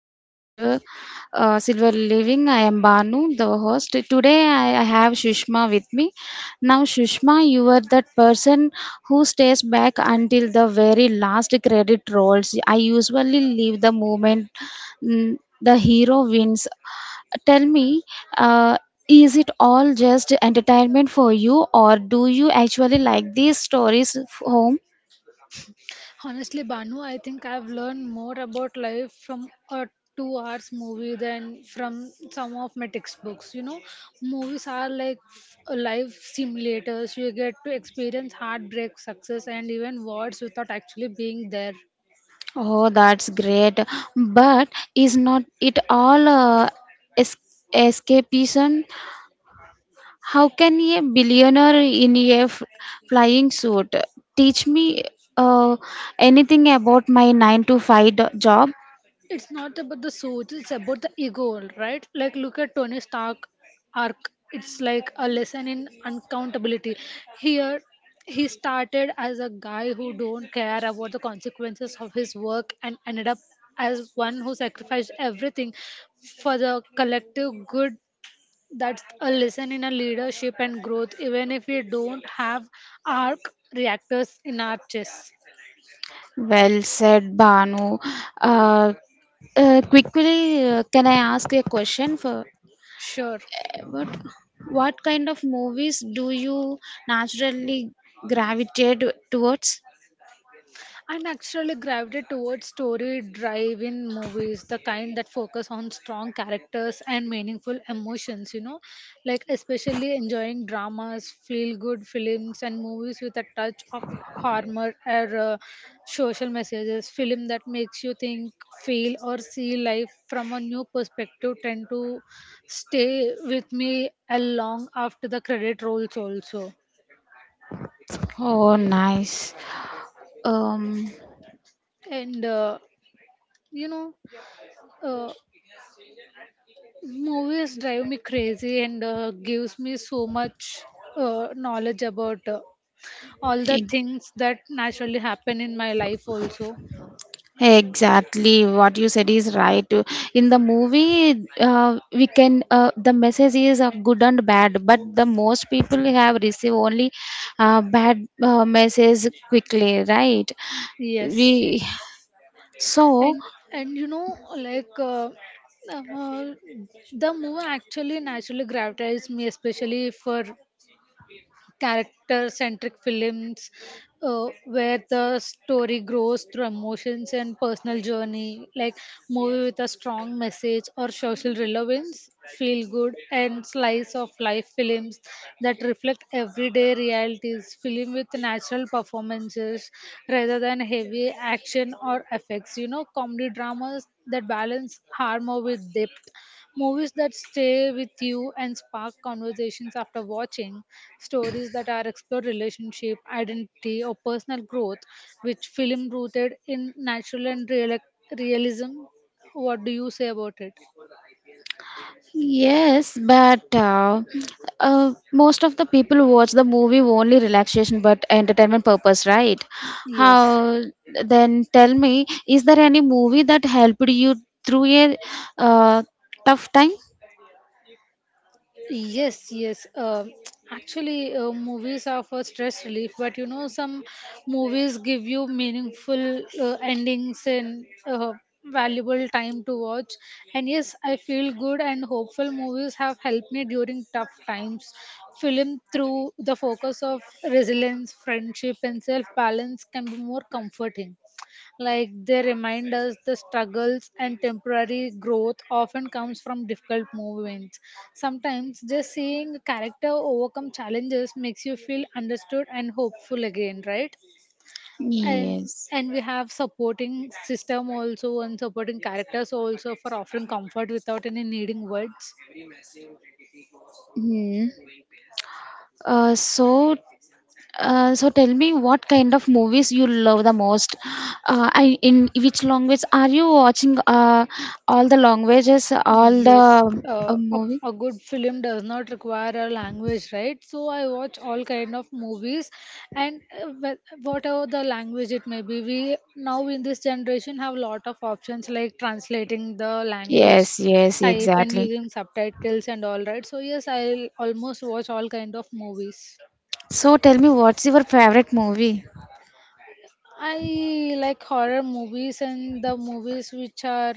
to the Silver Silver Living. I am Banu, the host. Today I have Shushma with me. Now Shushma, you are that person who stays back until the very last credit rolls. I usually leave the moment the hero wins. Tell me, uh, is it all just entertainment for you, or do you actually like these stories home? Honestly, Banu, I think I've learned more about life from a 2 hours movie than from some of my textbooks. You know, movies are like life simulators. You get to experience heartbreak, success, and even wars without actually being there. Oh, that's great. But is not it all es- escapism? How can a billionaire in a flying suit teach me uh, anything about my 9 to 5 job? It's not about the suits, it's about the ego, right? Like, look at Tony Stark arc. It's like a lesson in uncountability here. He started as a guy who don't care about the consequences of his work and ended up as one who sacrificed everything for the collective good. That's a lesson in a leadership and growth, even if we don't have arc reactors in our chess. Well said, Banu. Uh, Quickly, can I ask a question for Sure. what, what kind of movies do you naturally gravitate towards? I naturally gravitate towards story drive-in movies, the kind that focus on strong characters and meaningful emotions, you know, like especially enjoying dramas, feel-good films, and movies with a touch of humor or social messages. Film that makes you think, feel, or see life from a new perspective tend to stay with me a long after the credit rolls also. Oh, nice. Um, And, you know, uh. Movies drive me crazy and gives me so much knowledge about all the e- things that naturally happen in my life also. exactly what you said is right. In the movie, we can the message is good and bad, but the most people have received only bad message quickly, right? Yes, We So. and and like uh, the movie actually naturally gravitates me, especially for character centric films, where the story grows through emotions and personal journey, like movie with a strong message or social relevance, feel good and slice of life films that reflect everyday realities, film with natural performances rather than heavy action or effects, you know, comedy dramas that balance humor with depth. Movies that stay with you and spark conversations after watching, stories that are explore relationship, identity, or personal growth, which film rooted in natural and realism. What do you say about it? Yes, but most of the people watch the movie only relaxation but entertainment purpose, right? Yes. How Then tell me, is there any movie that helped you through a uh, tough time? Yes, yes. Actually, movies are for stress relief, but you know, some movies give you meaningful endings and valuable time to watch. And yes, I feel good and hopeful movies have helped me during tough times. Film through the focus of resilience, friendship, and self balance can be more comforting. Like, they remind us the struggles and temporary growth often comes from difficult moments. Sometimes just seeing a character overcome challenges makes you feel understood and hopeful again, right? and Yes. and we have supporting system also, and supporting characters also, for offering comfort without any needing words. Hmm. Uh, so, so tell me what kind of movies you love the most? I, in which language are you watching? All the languages, all Yes, the a, movies? a good film does not require a language, right? it So I watch all kind of movies, and whatever the language it may be, we now in this generation have lot of options like translating the language Yes, yes, type and exactly. using subtitles and all right, so yes, I'll almost watch all kind of movies. So tell me, what's your favorite movie? I like horror movies and the movies which are,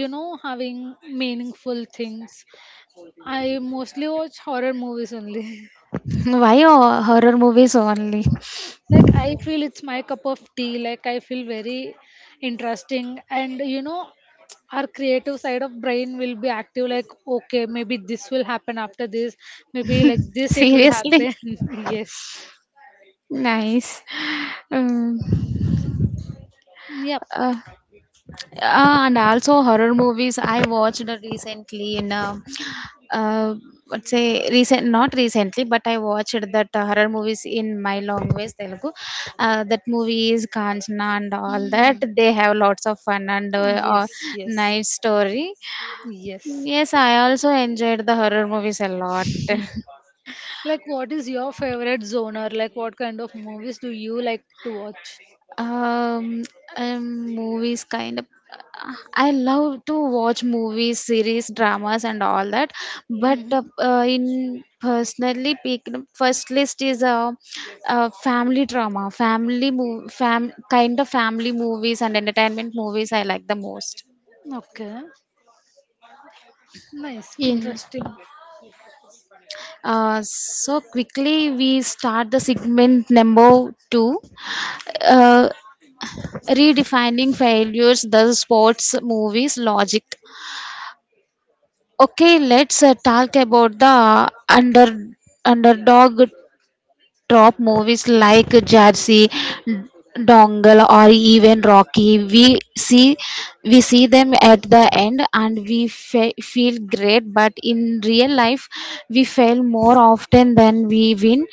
you know, having meaningful things. I mostly watch horror movies only Why horror movies only? like, I feel it's my cup of tea. Like, I feel very interesting, and you know, our creative side of brain will be active. Like, okay, maybe this will happen after this, maybe like this it will Seriously? happen yes. Nice. Um, Yep. uh, uh, and also horror movies I watched recently in uh, let's say recent not recently but I watched that horror movies in my language Telugu. That movie is Kanchana and all that. Mm. They have lots of fun and Yes, yes, nice story. yes. Yes, I also enjoyed the horror movies a lot. Like, what is your favorite genre? Like, what kind of movies do you like to watch? um, Movies kind of. I love to watch movies, series, dramas, and all that. But Mhm. In personally, picked first list is a family drama, family mov fam kind of family movies and entertainment movies. I like the most. Okay. Nice. Yeah. Interesting. So quickly we start the segment number two. Uh, Redefining failures the sports movies logic. Okay, let's talk about the underdog top movies like Jersey, Dongle or even Rocky. We see we see them at the end and we feel great but in real life we fail more often than we win.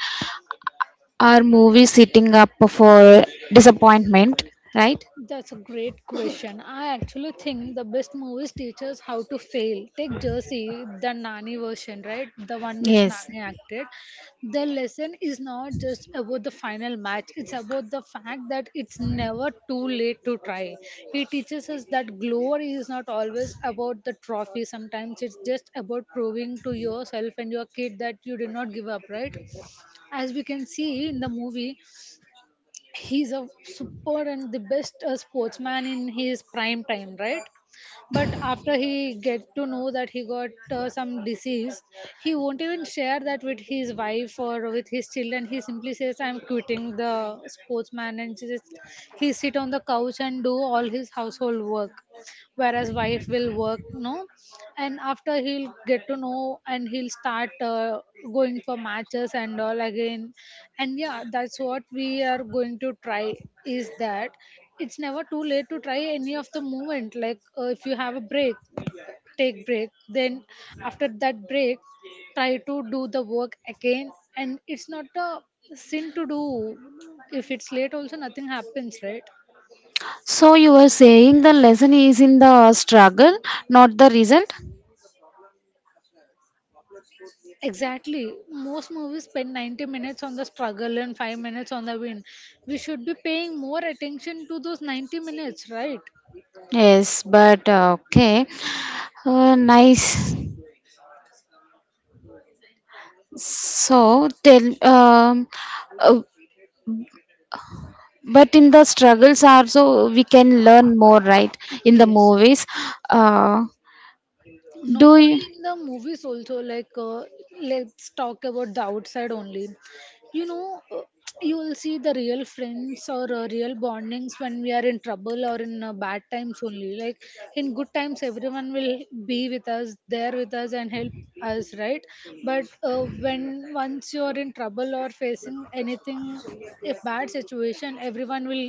Are movies setting up for disappointment, right? That's a great question. I actually think the best movies teach us how to fail. Take Jersey, the Nani version, right? The one which Yes. Nani acted. The lesson is not just about the final match, it's about the fact that it's never too late to try. He teaches us that glory is not always about the trophy, sometimes it's just about proving to yourself and your kid that you did not give up, right? As we can see in the movie, he's a super and the best sportsman in his prime time, right? But after he get to know that he got some disease, he won't even share that with his wife or with his children. He simply says, I'm quitting the sportsman, and just he sit on the couch and do all his household work, whereas wife will work, no. And after, he'll get to know and he'll start going for matches and all again. And yeah, that's what we are going to try, is that it's never too late to try any of the movement. Like, if you have a break, take break, then after that break, try to do the work again. And it's not a sin to do. If it's late also, nothing happens, right? So you were saying the lesson is in the struggle, not the result. Exactly. Most movies spend 90 minutes on the struggle and 5 minutes on the win. We should be paying more attention to those 90 minutes, right? Yes, but okay, nice. So tell, um, uh, but in the struggles also we can learn more, right? In the Yes. movies, uh, Not do you? only in the movies also. Like, let's talk about the outside only. You know, you will see the real friends or real bondings when we are in trouble or in bad times only. Like, in good times, everyone will be with us, there with us, and help us, right? But when once you are in trouble or facing anything, a bad situation, everyone will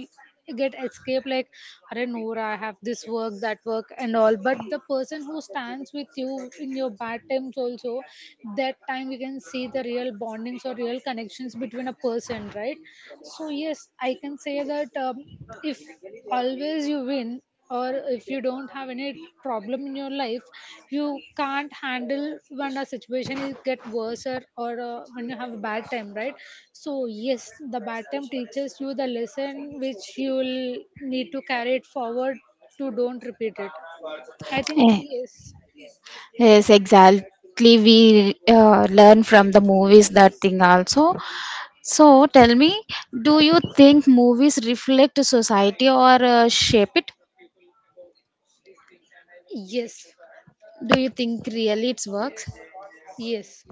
get escape. Like, are no ra, I have this work, that work and all, but the person who stands with you in your bad times also, that time we can see the real bondings or real connections between a person, right? So yes, I can say that, if always you win, or if you don't have any problem in your life, you can't handle when a situation is get worse, or when you have a bad time, right? So yes, the bad time teaches you the lesson which you will need to carry it forward, to don't repeat it. I think Eh, yes. Yes, exactly. We learn from the movies that thing also. So tell me, do you think movies reflect society or shape it? Yes, Do you think really it works? yes.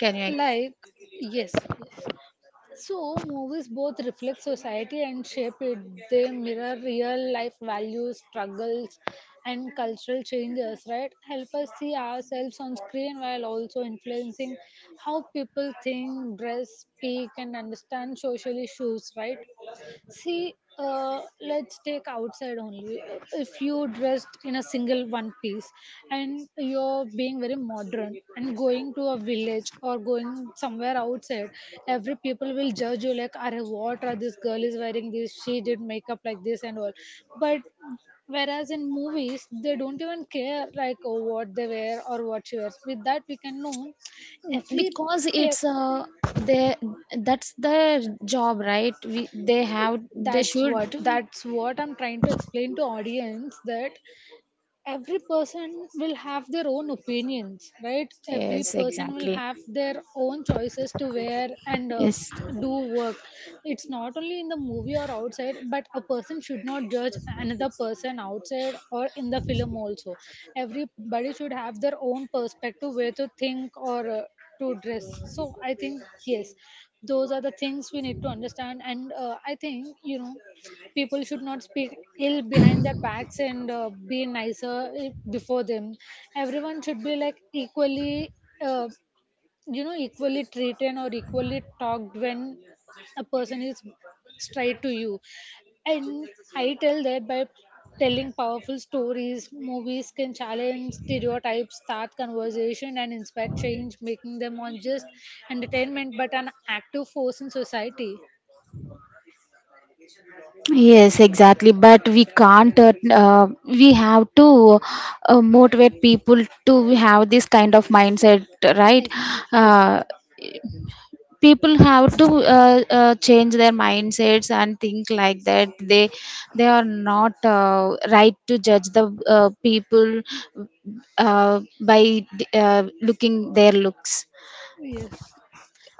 Can you ex- Like, yes. So, movies both reflect society and shape it. They mirror real life values, struggles, and cultural changes, right? Help us see ourselves on screen while also influencing how people think, dress, speak, and understand social issues, right? See, let's take outside only. If you dressed in a single one piece and you're being very modern and going to a village or going somewhere outside, every people will judge you like, "Are what are this girl is wearing this? She did makeup like this and all." But whereas in movies, they don't even care like oh, what they wear or what she wears. With that, we can know every. because eh, it's they, that's their job, right? We, they have they that's should. what that's what I'm trying to explain to audience, that every person will have their own opinions, right? Every Yes, person will exactly. have their own choices to wear and Yes, do work. It's not only in the movie or outside, but a person should not judge another person outside or in the film also. Everybody should have their own perspective way to think or to dress. So I think yes, those are the things we need to understand. And I think, you know, people should not speak ill behind their backs and be nicer before them. Everyone should be like equally, uh, you know, equally treated or equally talked when a person is straight to you. And I tell that, by telling powerful stories, movies can challenge stereotypes, start conversation, and inspire change, making them on just entertainment but an active force in society. yes, exactly, but we can't, we have to motivate people to have this kind of mindset, right? Uh, Exactly. People have to change their mindsets and think like that they are not right to judge the people by looking their looks, Yes.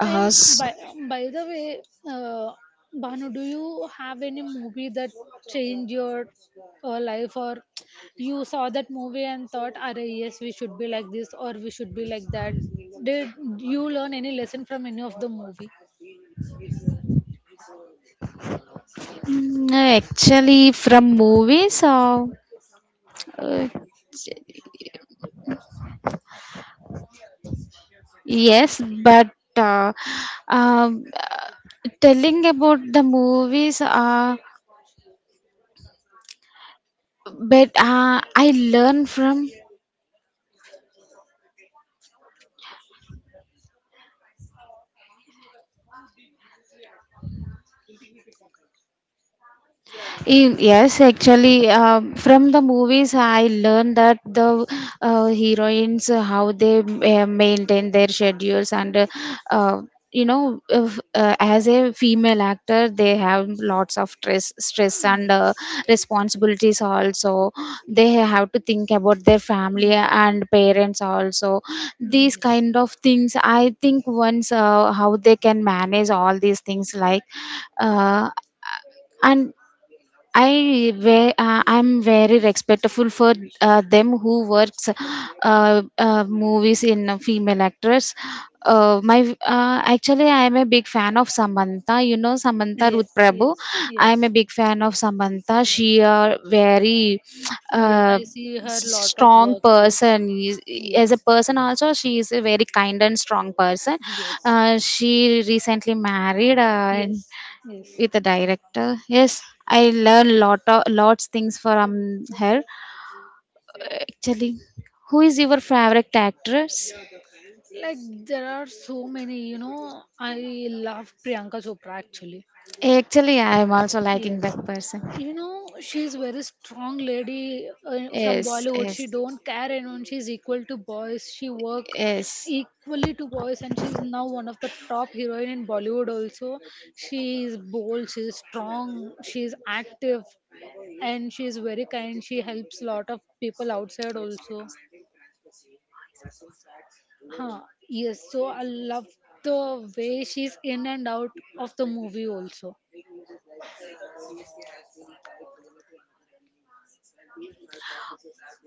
uh, And s- by the way, uh, Banu, do you have any movie that changed your life, or you saw that movie and thought, "Arey, yes, we should be like this, or we should be like that"? Did you learn any lesson from any of the movie? mm, actually from movies, uh, yes but uh, um, uh, telling about the movies, but I learn from yes, actually, from the movies, I learned that the heroines how they maintain their schedules and uh, you know, if, as a female actor, they have lots of stress Mm, and yes. responsibilities. Also, they have to think about their family Mm. and parents. Also, these kind of things. I think once how they can manage all these things, like, uh, and I'm very respectful for them who works movies in a female actors. My Actually I am a big fan of Samantha. You know Samantha Ruth Yes. Yes. Prabhu. Yes. I am a Yes. big fan of Samantha. She a very Yes, uh, I see her lot of strong work. Yes. person. As a Yes. person also, she is a very kind and strong person. Yes. She recently married and Yes. Yes. with the director. Yes, I learn lot of lots things from her. Actually, who is your favorite actress? Like, there are so many, you know, I love Priyanka Chopra actually. Actually, I am also liking Yes. that person. You know, she's very strong lady, from Yes, Bollywood. yes, She don't care anyone. She's equal to boys. She work yes. equally to boys, and she's now one of the top heroine in Bollywood also. She is bold, she's strong, she's active, and she's very kind. She helps a lot of people outside also. Huh. Yes, so I love the way she's in and out of the movie also.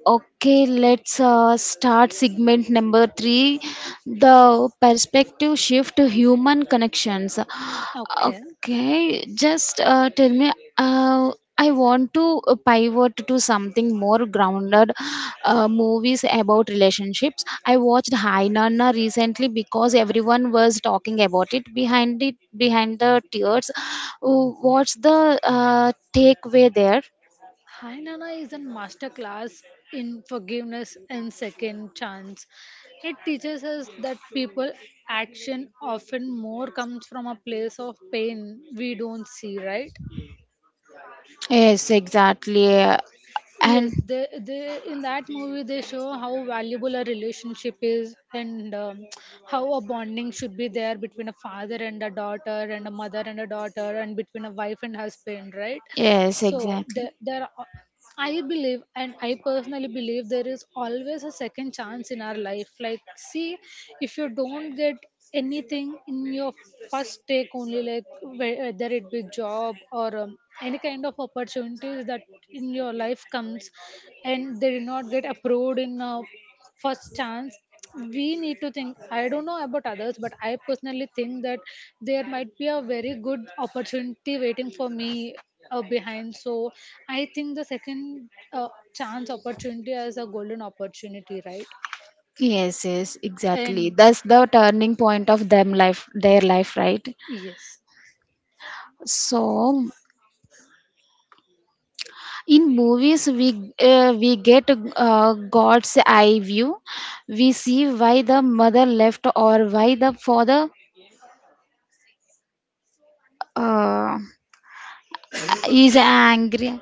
Okay, let's start segment number three, the perspective shift to human connections. Okay. Okay, just tell me. Uh, I want to pivot to something more grounded, movies about relationships. I watched Hai Nana recently because everyone was talking about it behind the tears. What's the takeaway there? Hi is a masterclass in forgiveness and second chance. It teaches us that people action often more comes from a place of pain we don't see, right? Yes, exactly. and Yes, they in that movie they show how valuable a relationship is, and how a bonding should be there between a father and a daughter, and a mother and a daughter, and between a wife and husband, right? Yes, So exactly. I believe and I personally believe there is always a Take the second time to chance see in our life. Like, the see, change. It's the if you biggest don't get thing. anything in We've your first take only got like whe- whether it be job or any kind of to opportunities that take the in your life comes and they did not get approved in time to first see chance. the change. We need to think. I don't know about others, but I personally think that there might be a very good opportunity waiting for me behind. So I think the second chance opportunity is a golden opportunity, right? Yes, yes, exactly. And That's the turning point of them life, their life, right? yes. So, in movies, we get God's eye view. We see why the mother left or why the father uh, is angry.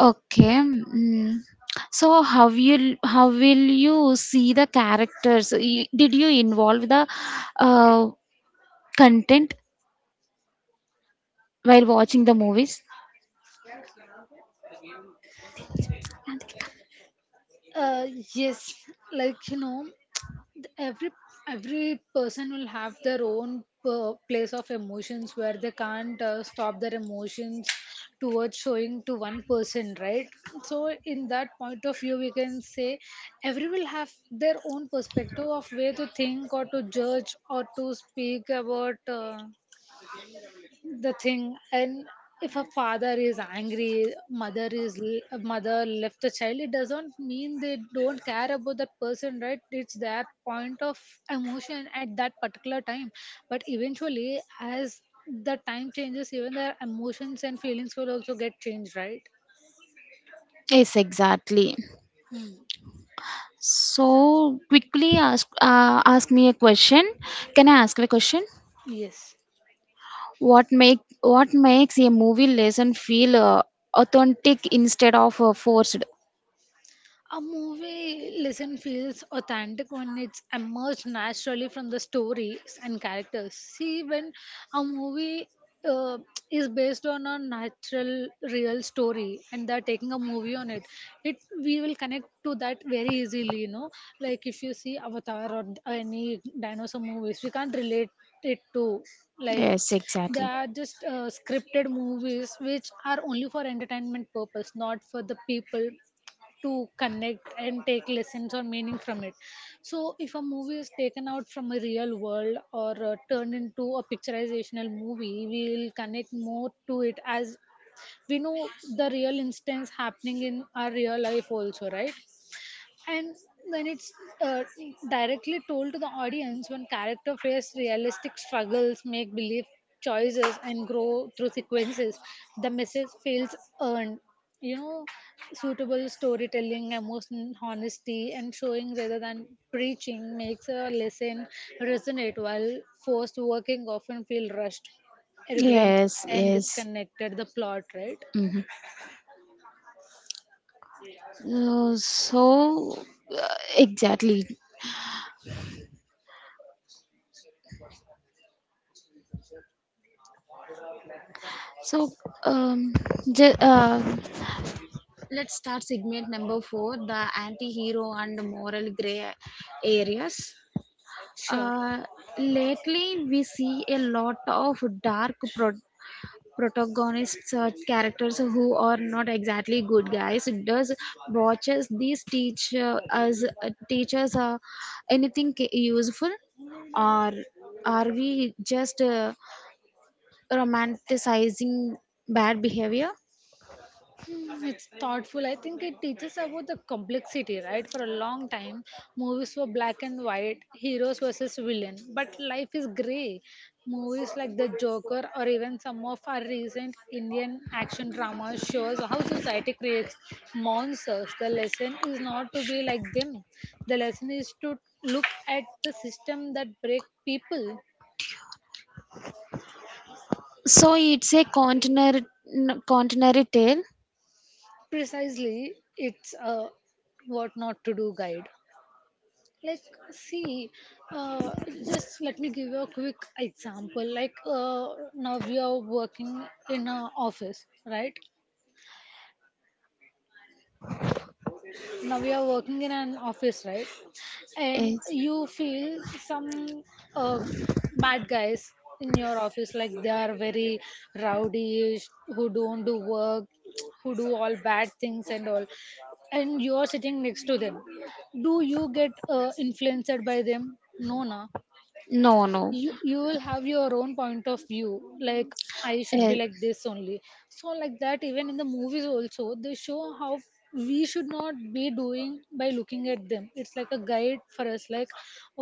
Okay. Mm. So, how you how will you see the characters? You- did you involve the uh, content while watching the movies? uh yes, like you know every person will have their own place of emotions where they can't stop their emotions towards showing to one person, right? So in that point of view, we can say every will have their own perspective of way to think or to judge or to speak about the thing. And if a father is angry, mother is mother left the child, it doesn't mean they don't care about that person, right? It's their point of emotion at that particular time. But eventually, as the time changes, even their emotions and feelings will also get changed, right? Yes, exactly. Hmm. So quickly ask me a question. Can I ask you a question? Yes. What makes a movie lesson feel authentic instead of forced? A movie listen feels authentic when it's emerged naturally from the stories and characters. See, when a movie uh, is based on a natural, real story, and they're taking a movie on it, it we will connect to that very easily. You know, like if you see Avatar or any dinosaur movies, we can't relate it to, like, Yes, they exactly. are just scripted movies which are only for entertainment purpose, not for the people to connect and take lessons or meaning from it. So, if a movie is taken out from a real world or turned into a picturizational movie, we'll connect more to it as we know the real instance happening in our real life, also, right? And when it's uh, directly told to the audience, when character face realistic struggles, make believe choices and grow through sequences, the message feels earned, you know. Suitable storytelling, emotional honesty and showing rather than preaching makes a lesson resonate, while forced working often feel rushed, arrogant Yes, and yes. disconnected the plot, right? Hmm. Uh, so, exactly. So, um, ju- uh, let's start segment number four, the anti hero and moral gray areas. Sure. Uh, Lately, we see a lot of dark pro- protagonists, characters who are not exactly good guys. Does watches these teach us teach us anything useful, or are we just romanticizing bad behavior? Hmm, it's thoughtful. I think it teaches about the complexity, right? For a long time, movies were black and white, heroes versus villain, but life is gray. Movies like The Joker or even some of our recent Indian action dramas shows how society creates monsters. The lesson is not to be like them. The lesson is to look at the system that break people. So it's a continuary tale. Precisely, it's a what not to do guide. Like, see, uh, just let me give you a quick example, like, now we are working in an office, right? now we are working in an office right And Eh, you feel some uh, bad guys in your office, like they are very rowdy, who don't do work, who do all bad things and all, and you are sitting next to them. Do you get influenced by them? No, na. no, no. You will have your own point of view, like I should be Eh, like this only. So like that, even in the movies also, they show how we should not be doing by looking at them. It's like a guide for us, like,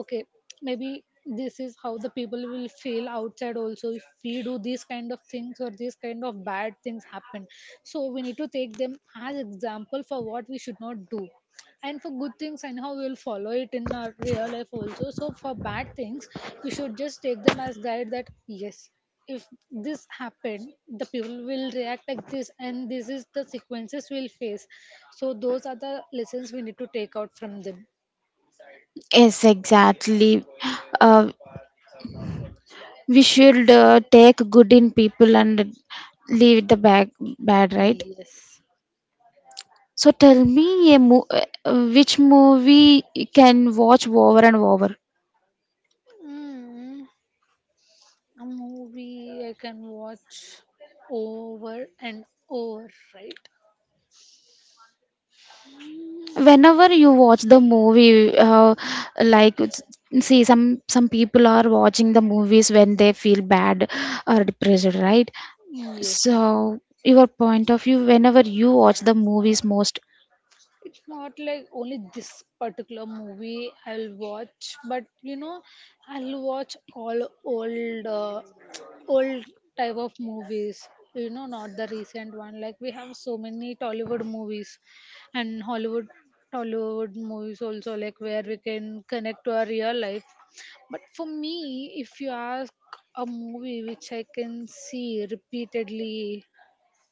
okay, maybe this is how the people will feel outside also if we do these kind of things or these kind of bad things happen. So we need to take them as example for what we should not do. And for good things, anyhow, we'll follow it in our real life also. So for bad things, we should just take them as guide, that yes, if this happened, the people will react like this and this is the sequences we'll face. So those are the lessons we need to take out from them. Yes, exactly. Uh, We should take good in people and leave the bad, right? Yes. So tell me a which movie you can watch over and over. Mm. A movie I can watch over and over, right? Mm. Whenever you watch the movie, like s- see some people are watching the movies when they feel bad or depressed, right? Mm. Yes. So your point of view, whenever you watch the movies most, It's not like only this particular movie I'll watch, but you know, I'll watch all old, old type of movies. You know, not the recent one. Like we have so many Tollywood movies, and Hollywood, Tollywood movies also. Like where we can connect to our real life. But for me, if you ask a movie which I can see repeatedly,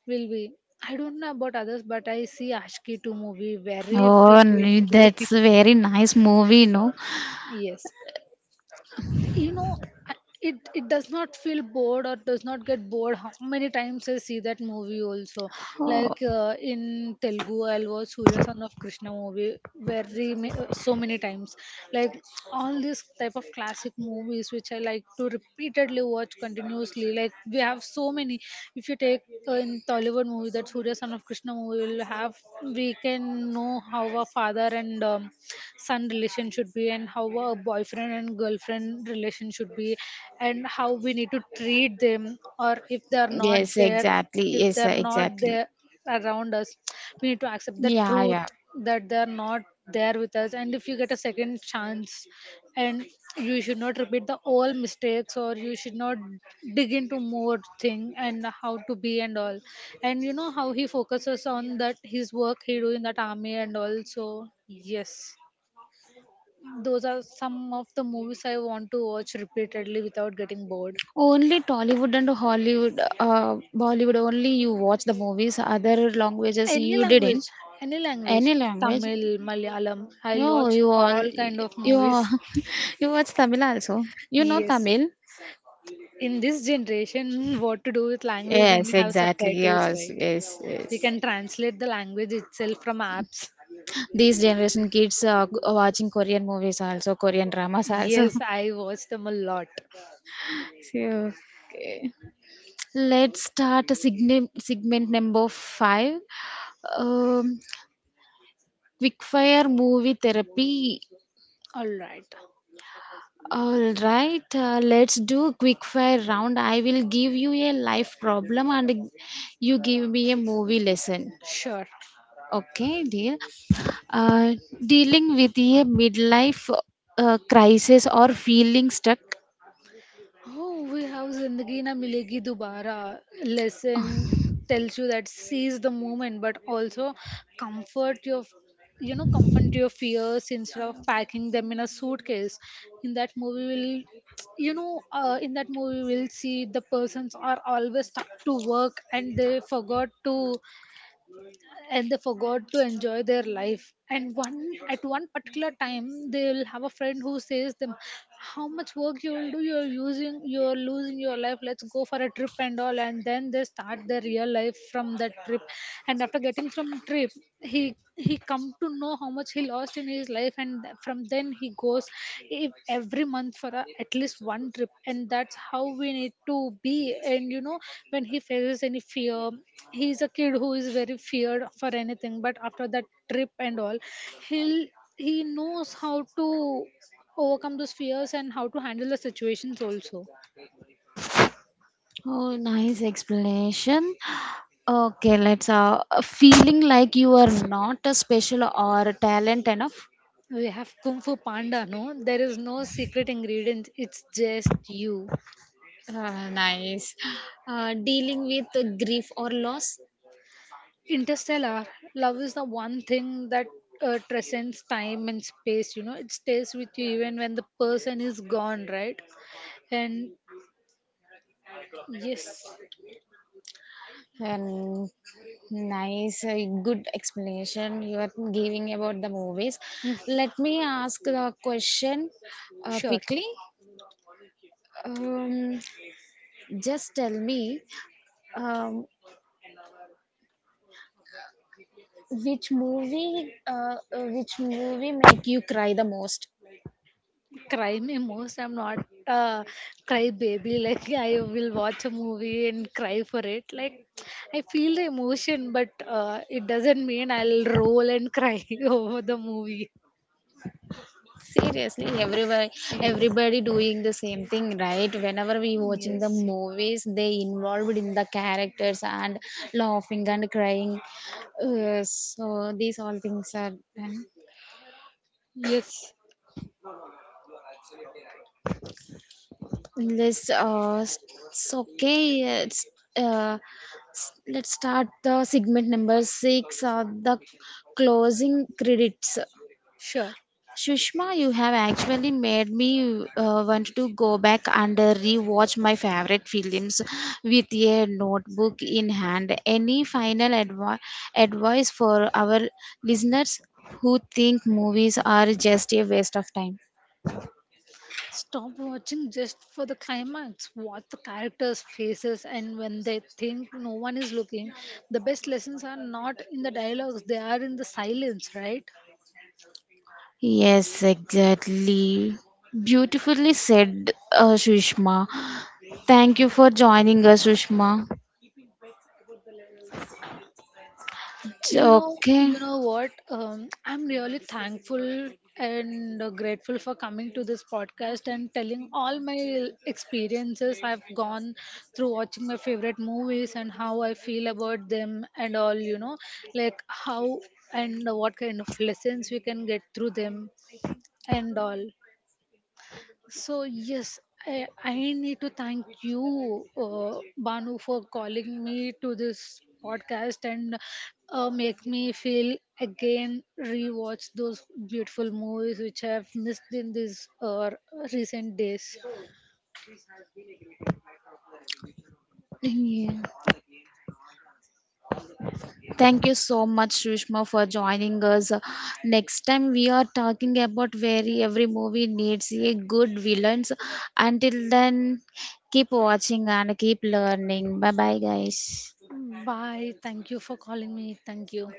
will be, I don't know about others, but I see Ashki 2 movie very oh, frequently. that's a very nice movie, no? Yes. You know, I- it does not feel bored or does not get bored how many times I see that movie also. Oh, Like, in Telugu, I'll watch Surya Son of Krishna movie so many times. Like, all these type of classic movies which I like to repeatedly watch continuously. Like we have so many. If you take, in Tollywood movie, that Surya Son of Krishna movie will have, we can know how a father and son relation should be, and how a boyfriend and girlfriend relation should be, and how we need to treat them, or if they are not yes, there, exactly. if they Yes, are not exactly. there around us, we need to accept the Yeah, truth yeah. that they are not there with us. And if you get a second chance, and you should not repeat the old mistakes, or you should not dig into more thing and how to be and all. And you know how he focuses on that, his work he do in that army, and also, yes, those are some of the movies I want to watch repeatedly without getting bored. Only Tollywood and Hollywood, Bollywood. Only you watch the movies. Other languages Any you didn't. language, any language, Any language? Tamil, Malayalam, I'll No, watch all kind of you all- movies. you watch Tamil also. You know Yes. Tamil. In this generation, what to do with language when Yes, we have exactly. subtitles, Yes, right? yes, We yes. can translate the language itself from apps. These generation kids are watching Korean movies also, Korean dramas also. Yes, I watch them a lot. So, okay. Let's start segment number five. Um, Quickfire movie therapy. All right. All right, let's do quickfire round. I will give you a life problem and you give me a movie lesson. Sure. Okay, dear. Uh, Dealing with a midlife crisis or feeling stuck. Oh, we have Zindagi Na Milegi Dubara. Lesson tells you that seize the moment, but also comfort your, you know, comfort your fears instead of packing them in a suitcase. In that movie, will, you know, in that movie, we'll see the persons are always stuck to work and they forgot to enjoy their life. And one at one particular time, they will have a friend who says them, how much work you will do, you're using, you're losing your life, let's go for a trip and all. And then they start their real life from that trip. And after getting from trip, he come to know how much he lost in his life. And from then he goes every month for a, at least one trip. And that's how we need to be. And you know, when he faces any fear, he's a kid who is very feared for anything, but after that trip and all, he'll, he knows how to overcome those fears and how to handle the situations also. Oh, nice explanation. Okay, let's feeling like you are not a special or talent enough. We have Kung Fu Panda, no? There is no secret ingredient, it's just you. Nice. Dealing with grief or loss. Interstellar, love is the one thing that transcends time and space. You know, it stays with you even when the person is gone, right? And yes. Um, Nice, good explanation you are giving about the movies. Mm. Let me ask the question Sure. quickly. Um, just tell me. Um, which movie make you cry the most? Cry me most. I'm not a cry baby. Like I will watch a movie and cry for it. Like I feel the emotion, but it doesn't mean I'll roll and cry over the movie. Seriously, everywhere, Yes. everybody doing the same thing, right? Whenever we watching the Yes. movies, they involved in the characters and laughing and crying. So these all things are done. Yes. Let's uh, s- it's okay. Uh, let's start the segment number six. The closing credits. Sure. Shushma, you have actually made me want to go back and rewatch my favorite films with a notebook in hand. Any advice for our listeners who think movies are just a waste of time? Stop watching just for the climax, what the characters' faces, and when they think no one is looking. The best lessons are not in the dialogues, they are in the silence, right? Yes, exactly. Beautifully said, Shushma. Thank you for joining us, Sushma. Okay. You know what, I'm really thankful and grateful for coming to this podcast and telling all my experiences I've gone through watching my favorite movies, and how I feel about them and all, you know. Like how and what kind of lessons we can get through them and all. So yes, I need to thank you, Banu, for calling me to this podcast and make me feel again rewatch those beautiful movies which I have missed in these recent days. Yeah. Thank you so much, Sushma, for joining us. Next time we are talking about very every movie needs a good villains. Until then, keep watching and keep learning. Bye bye, guys. Bye. Thank you for calling me. Thank you.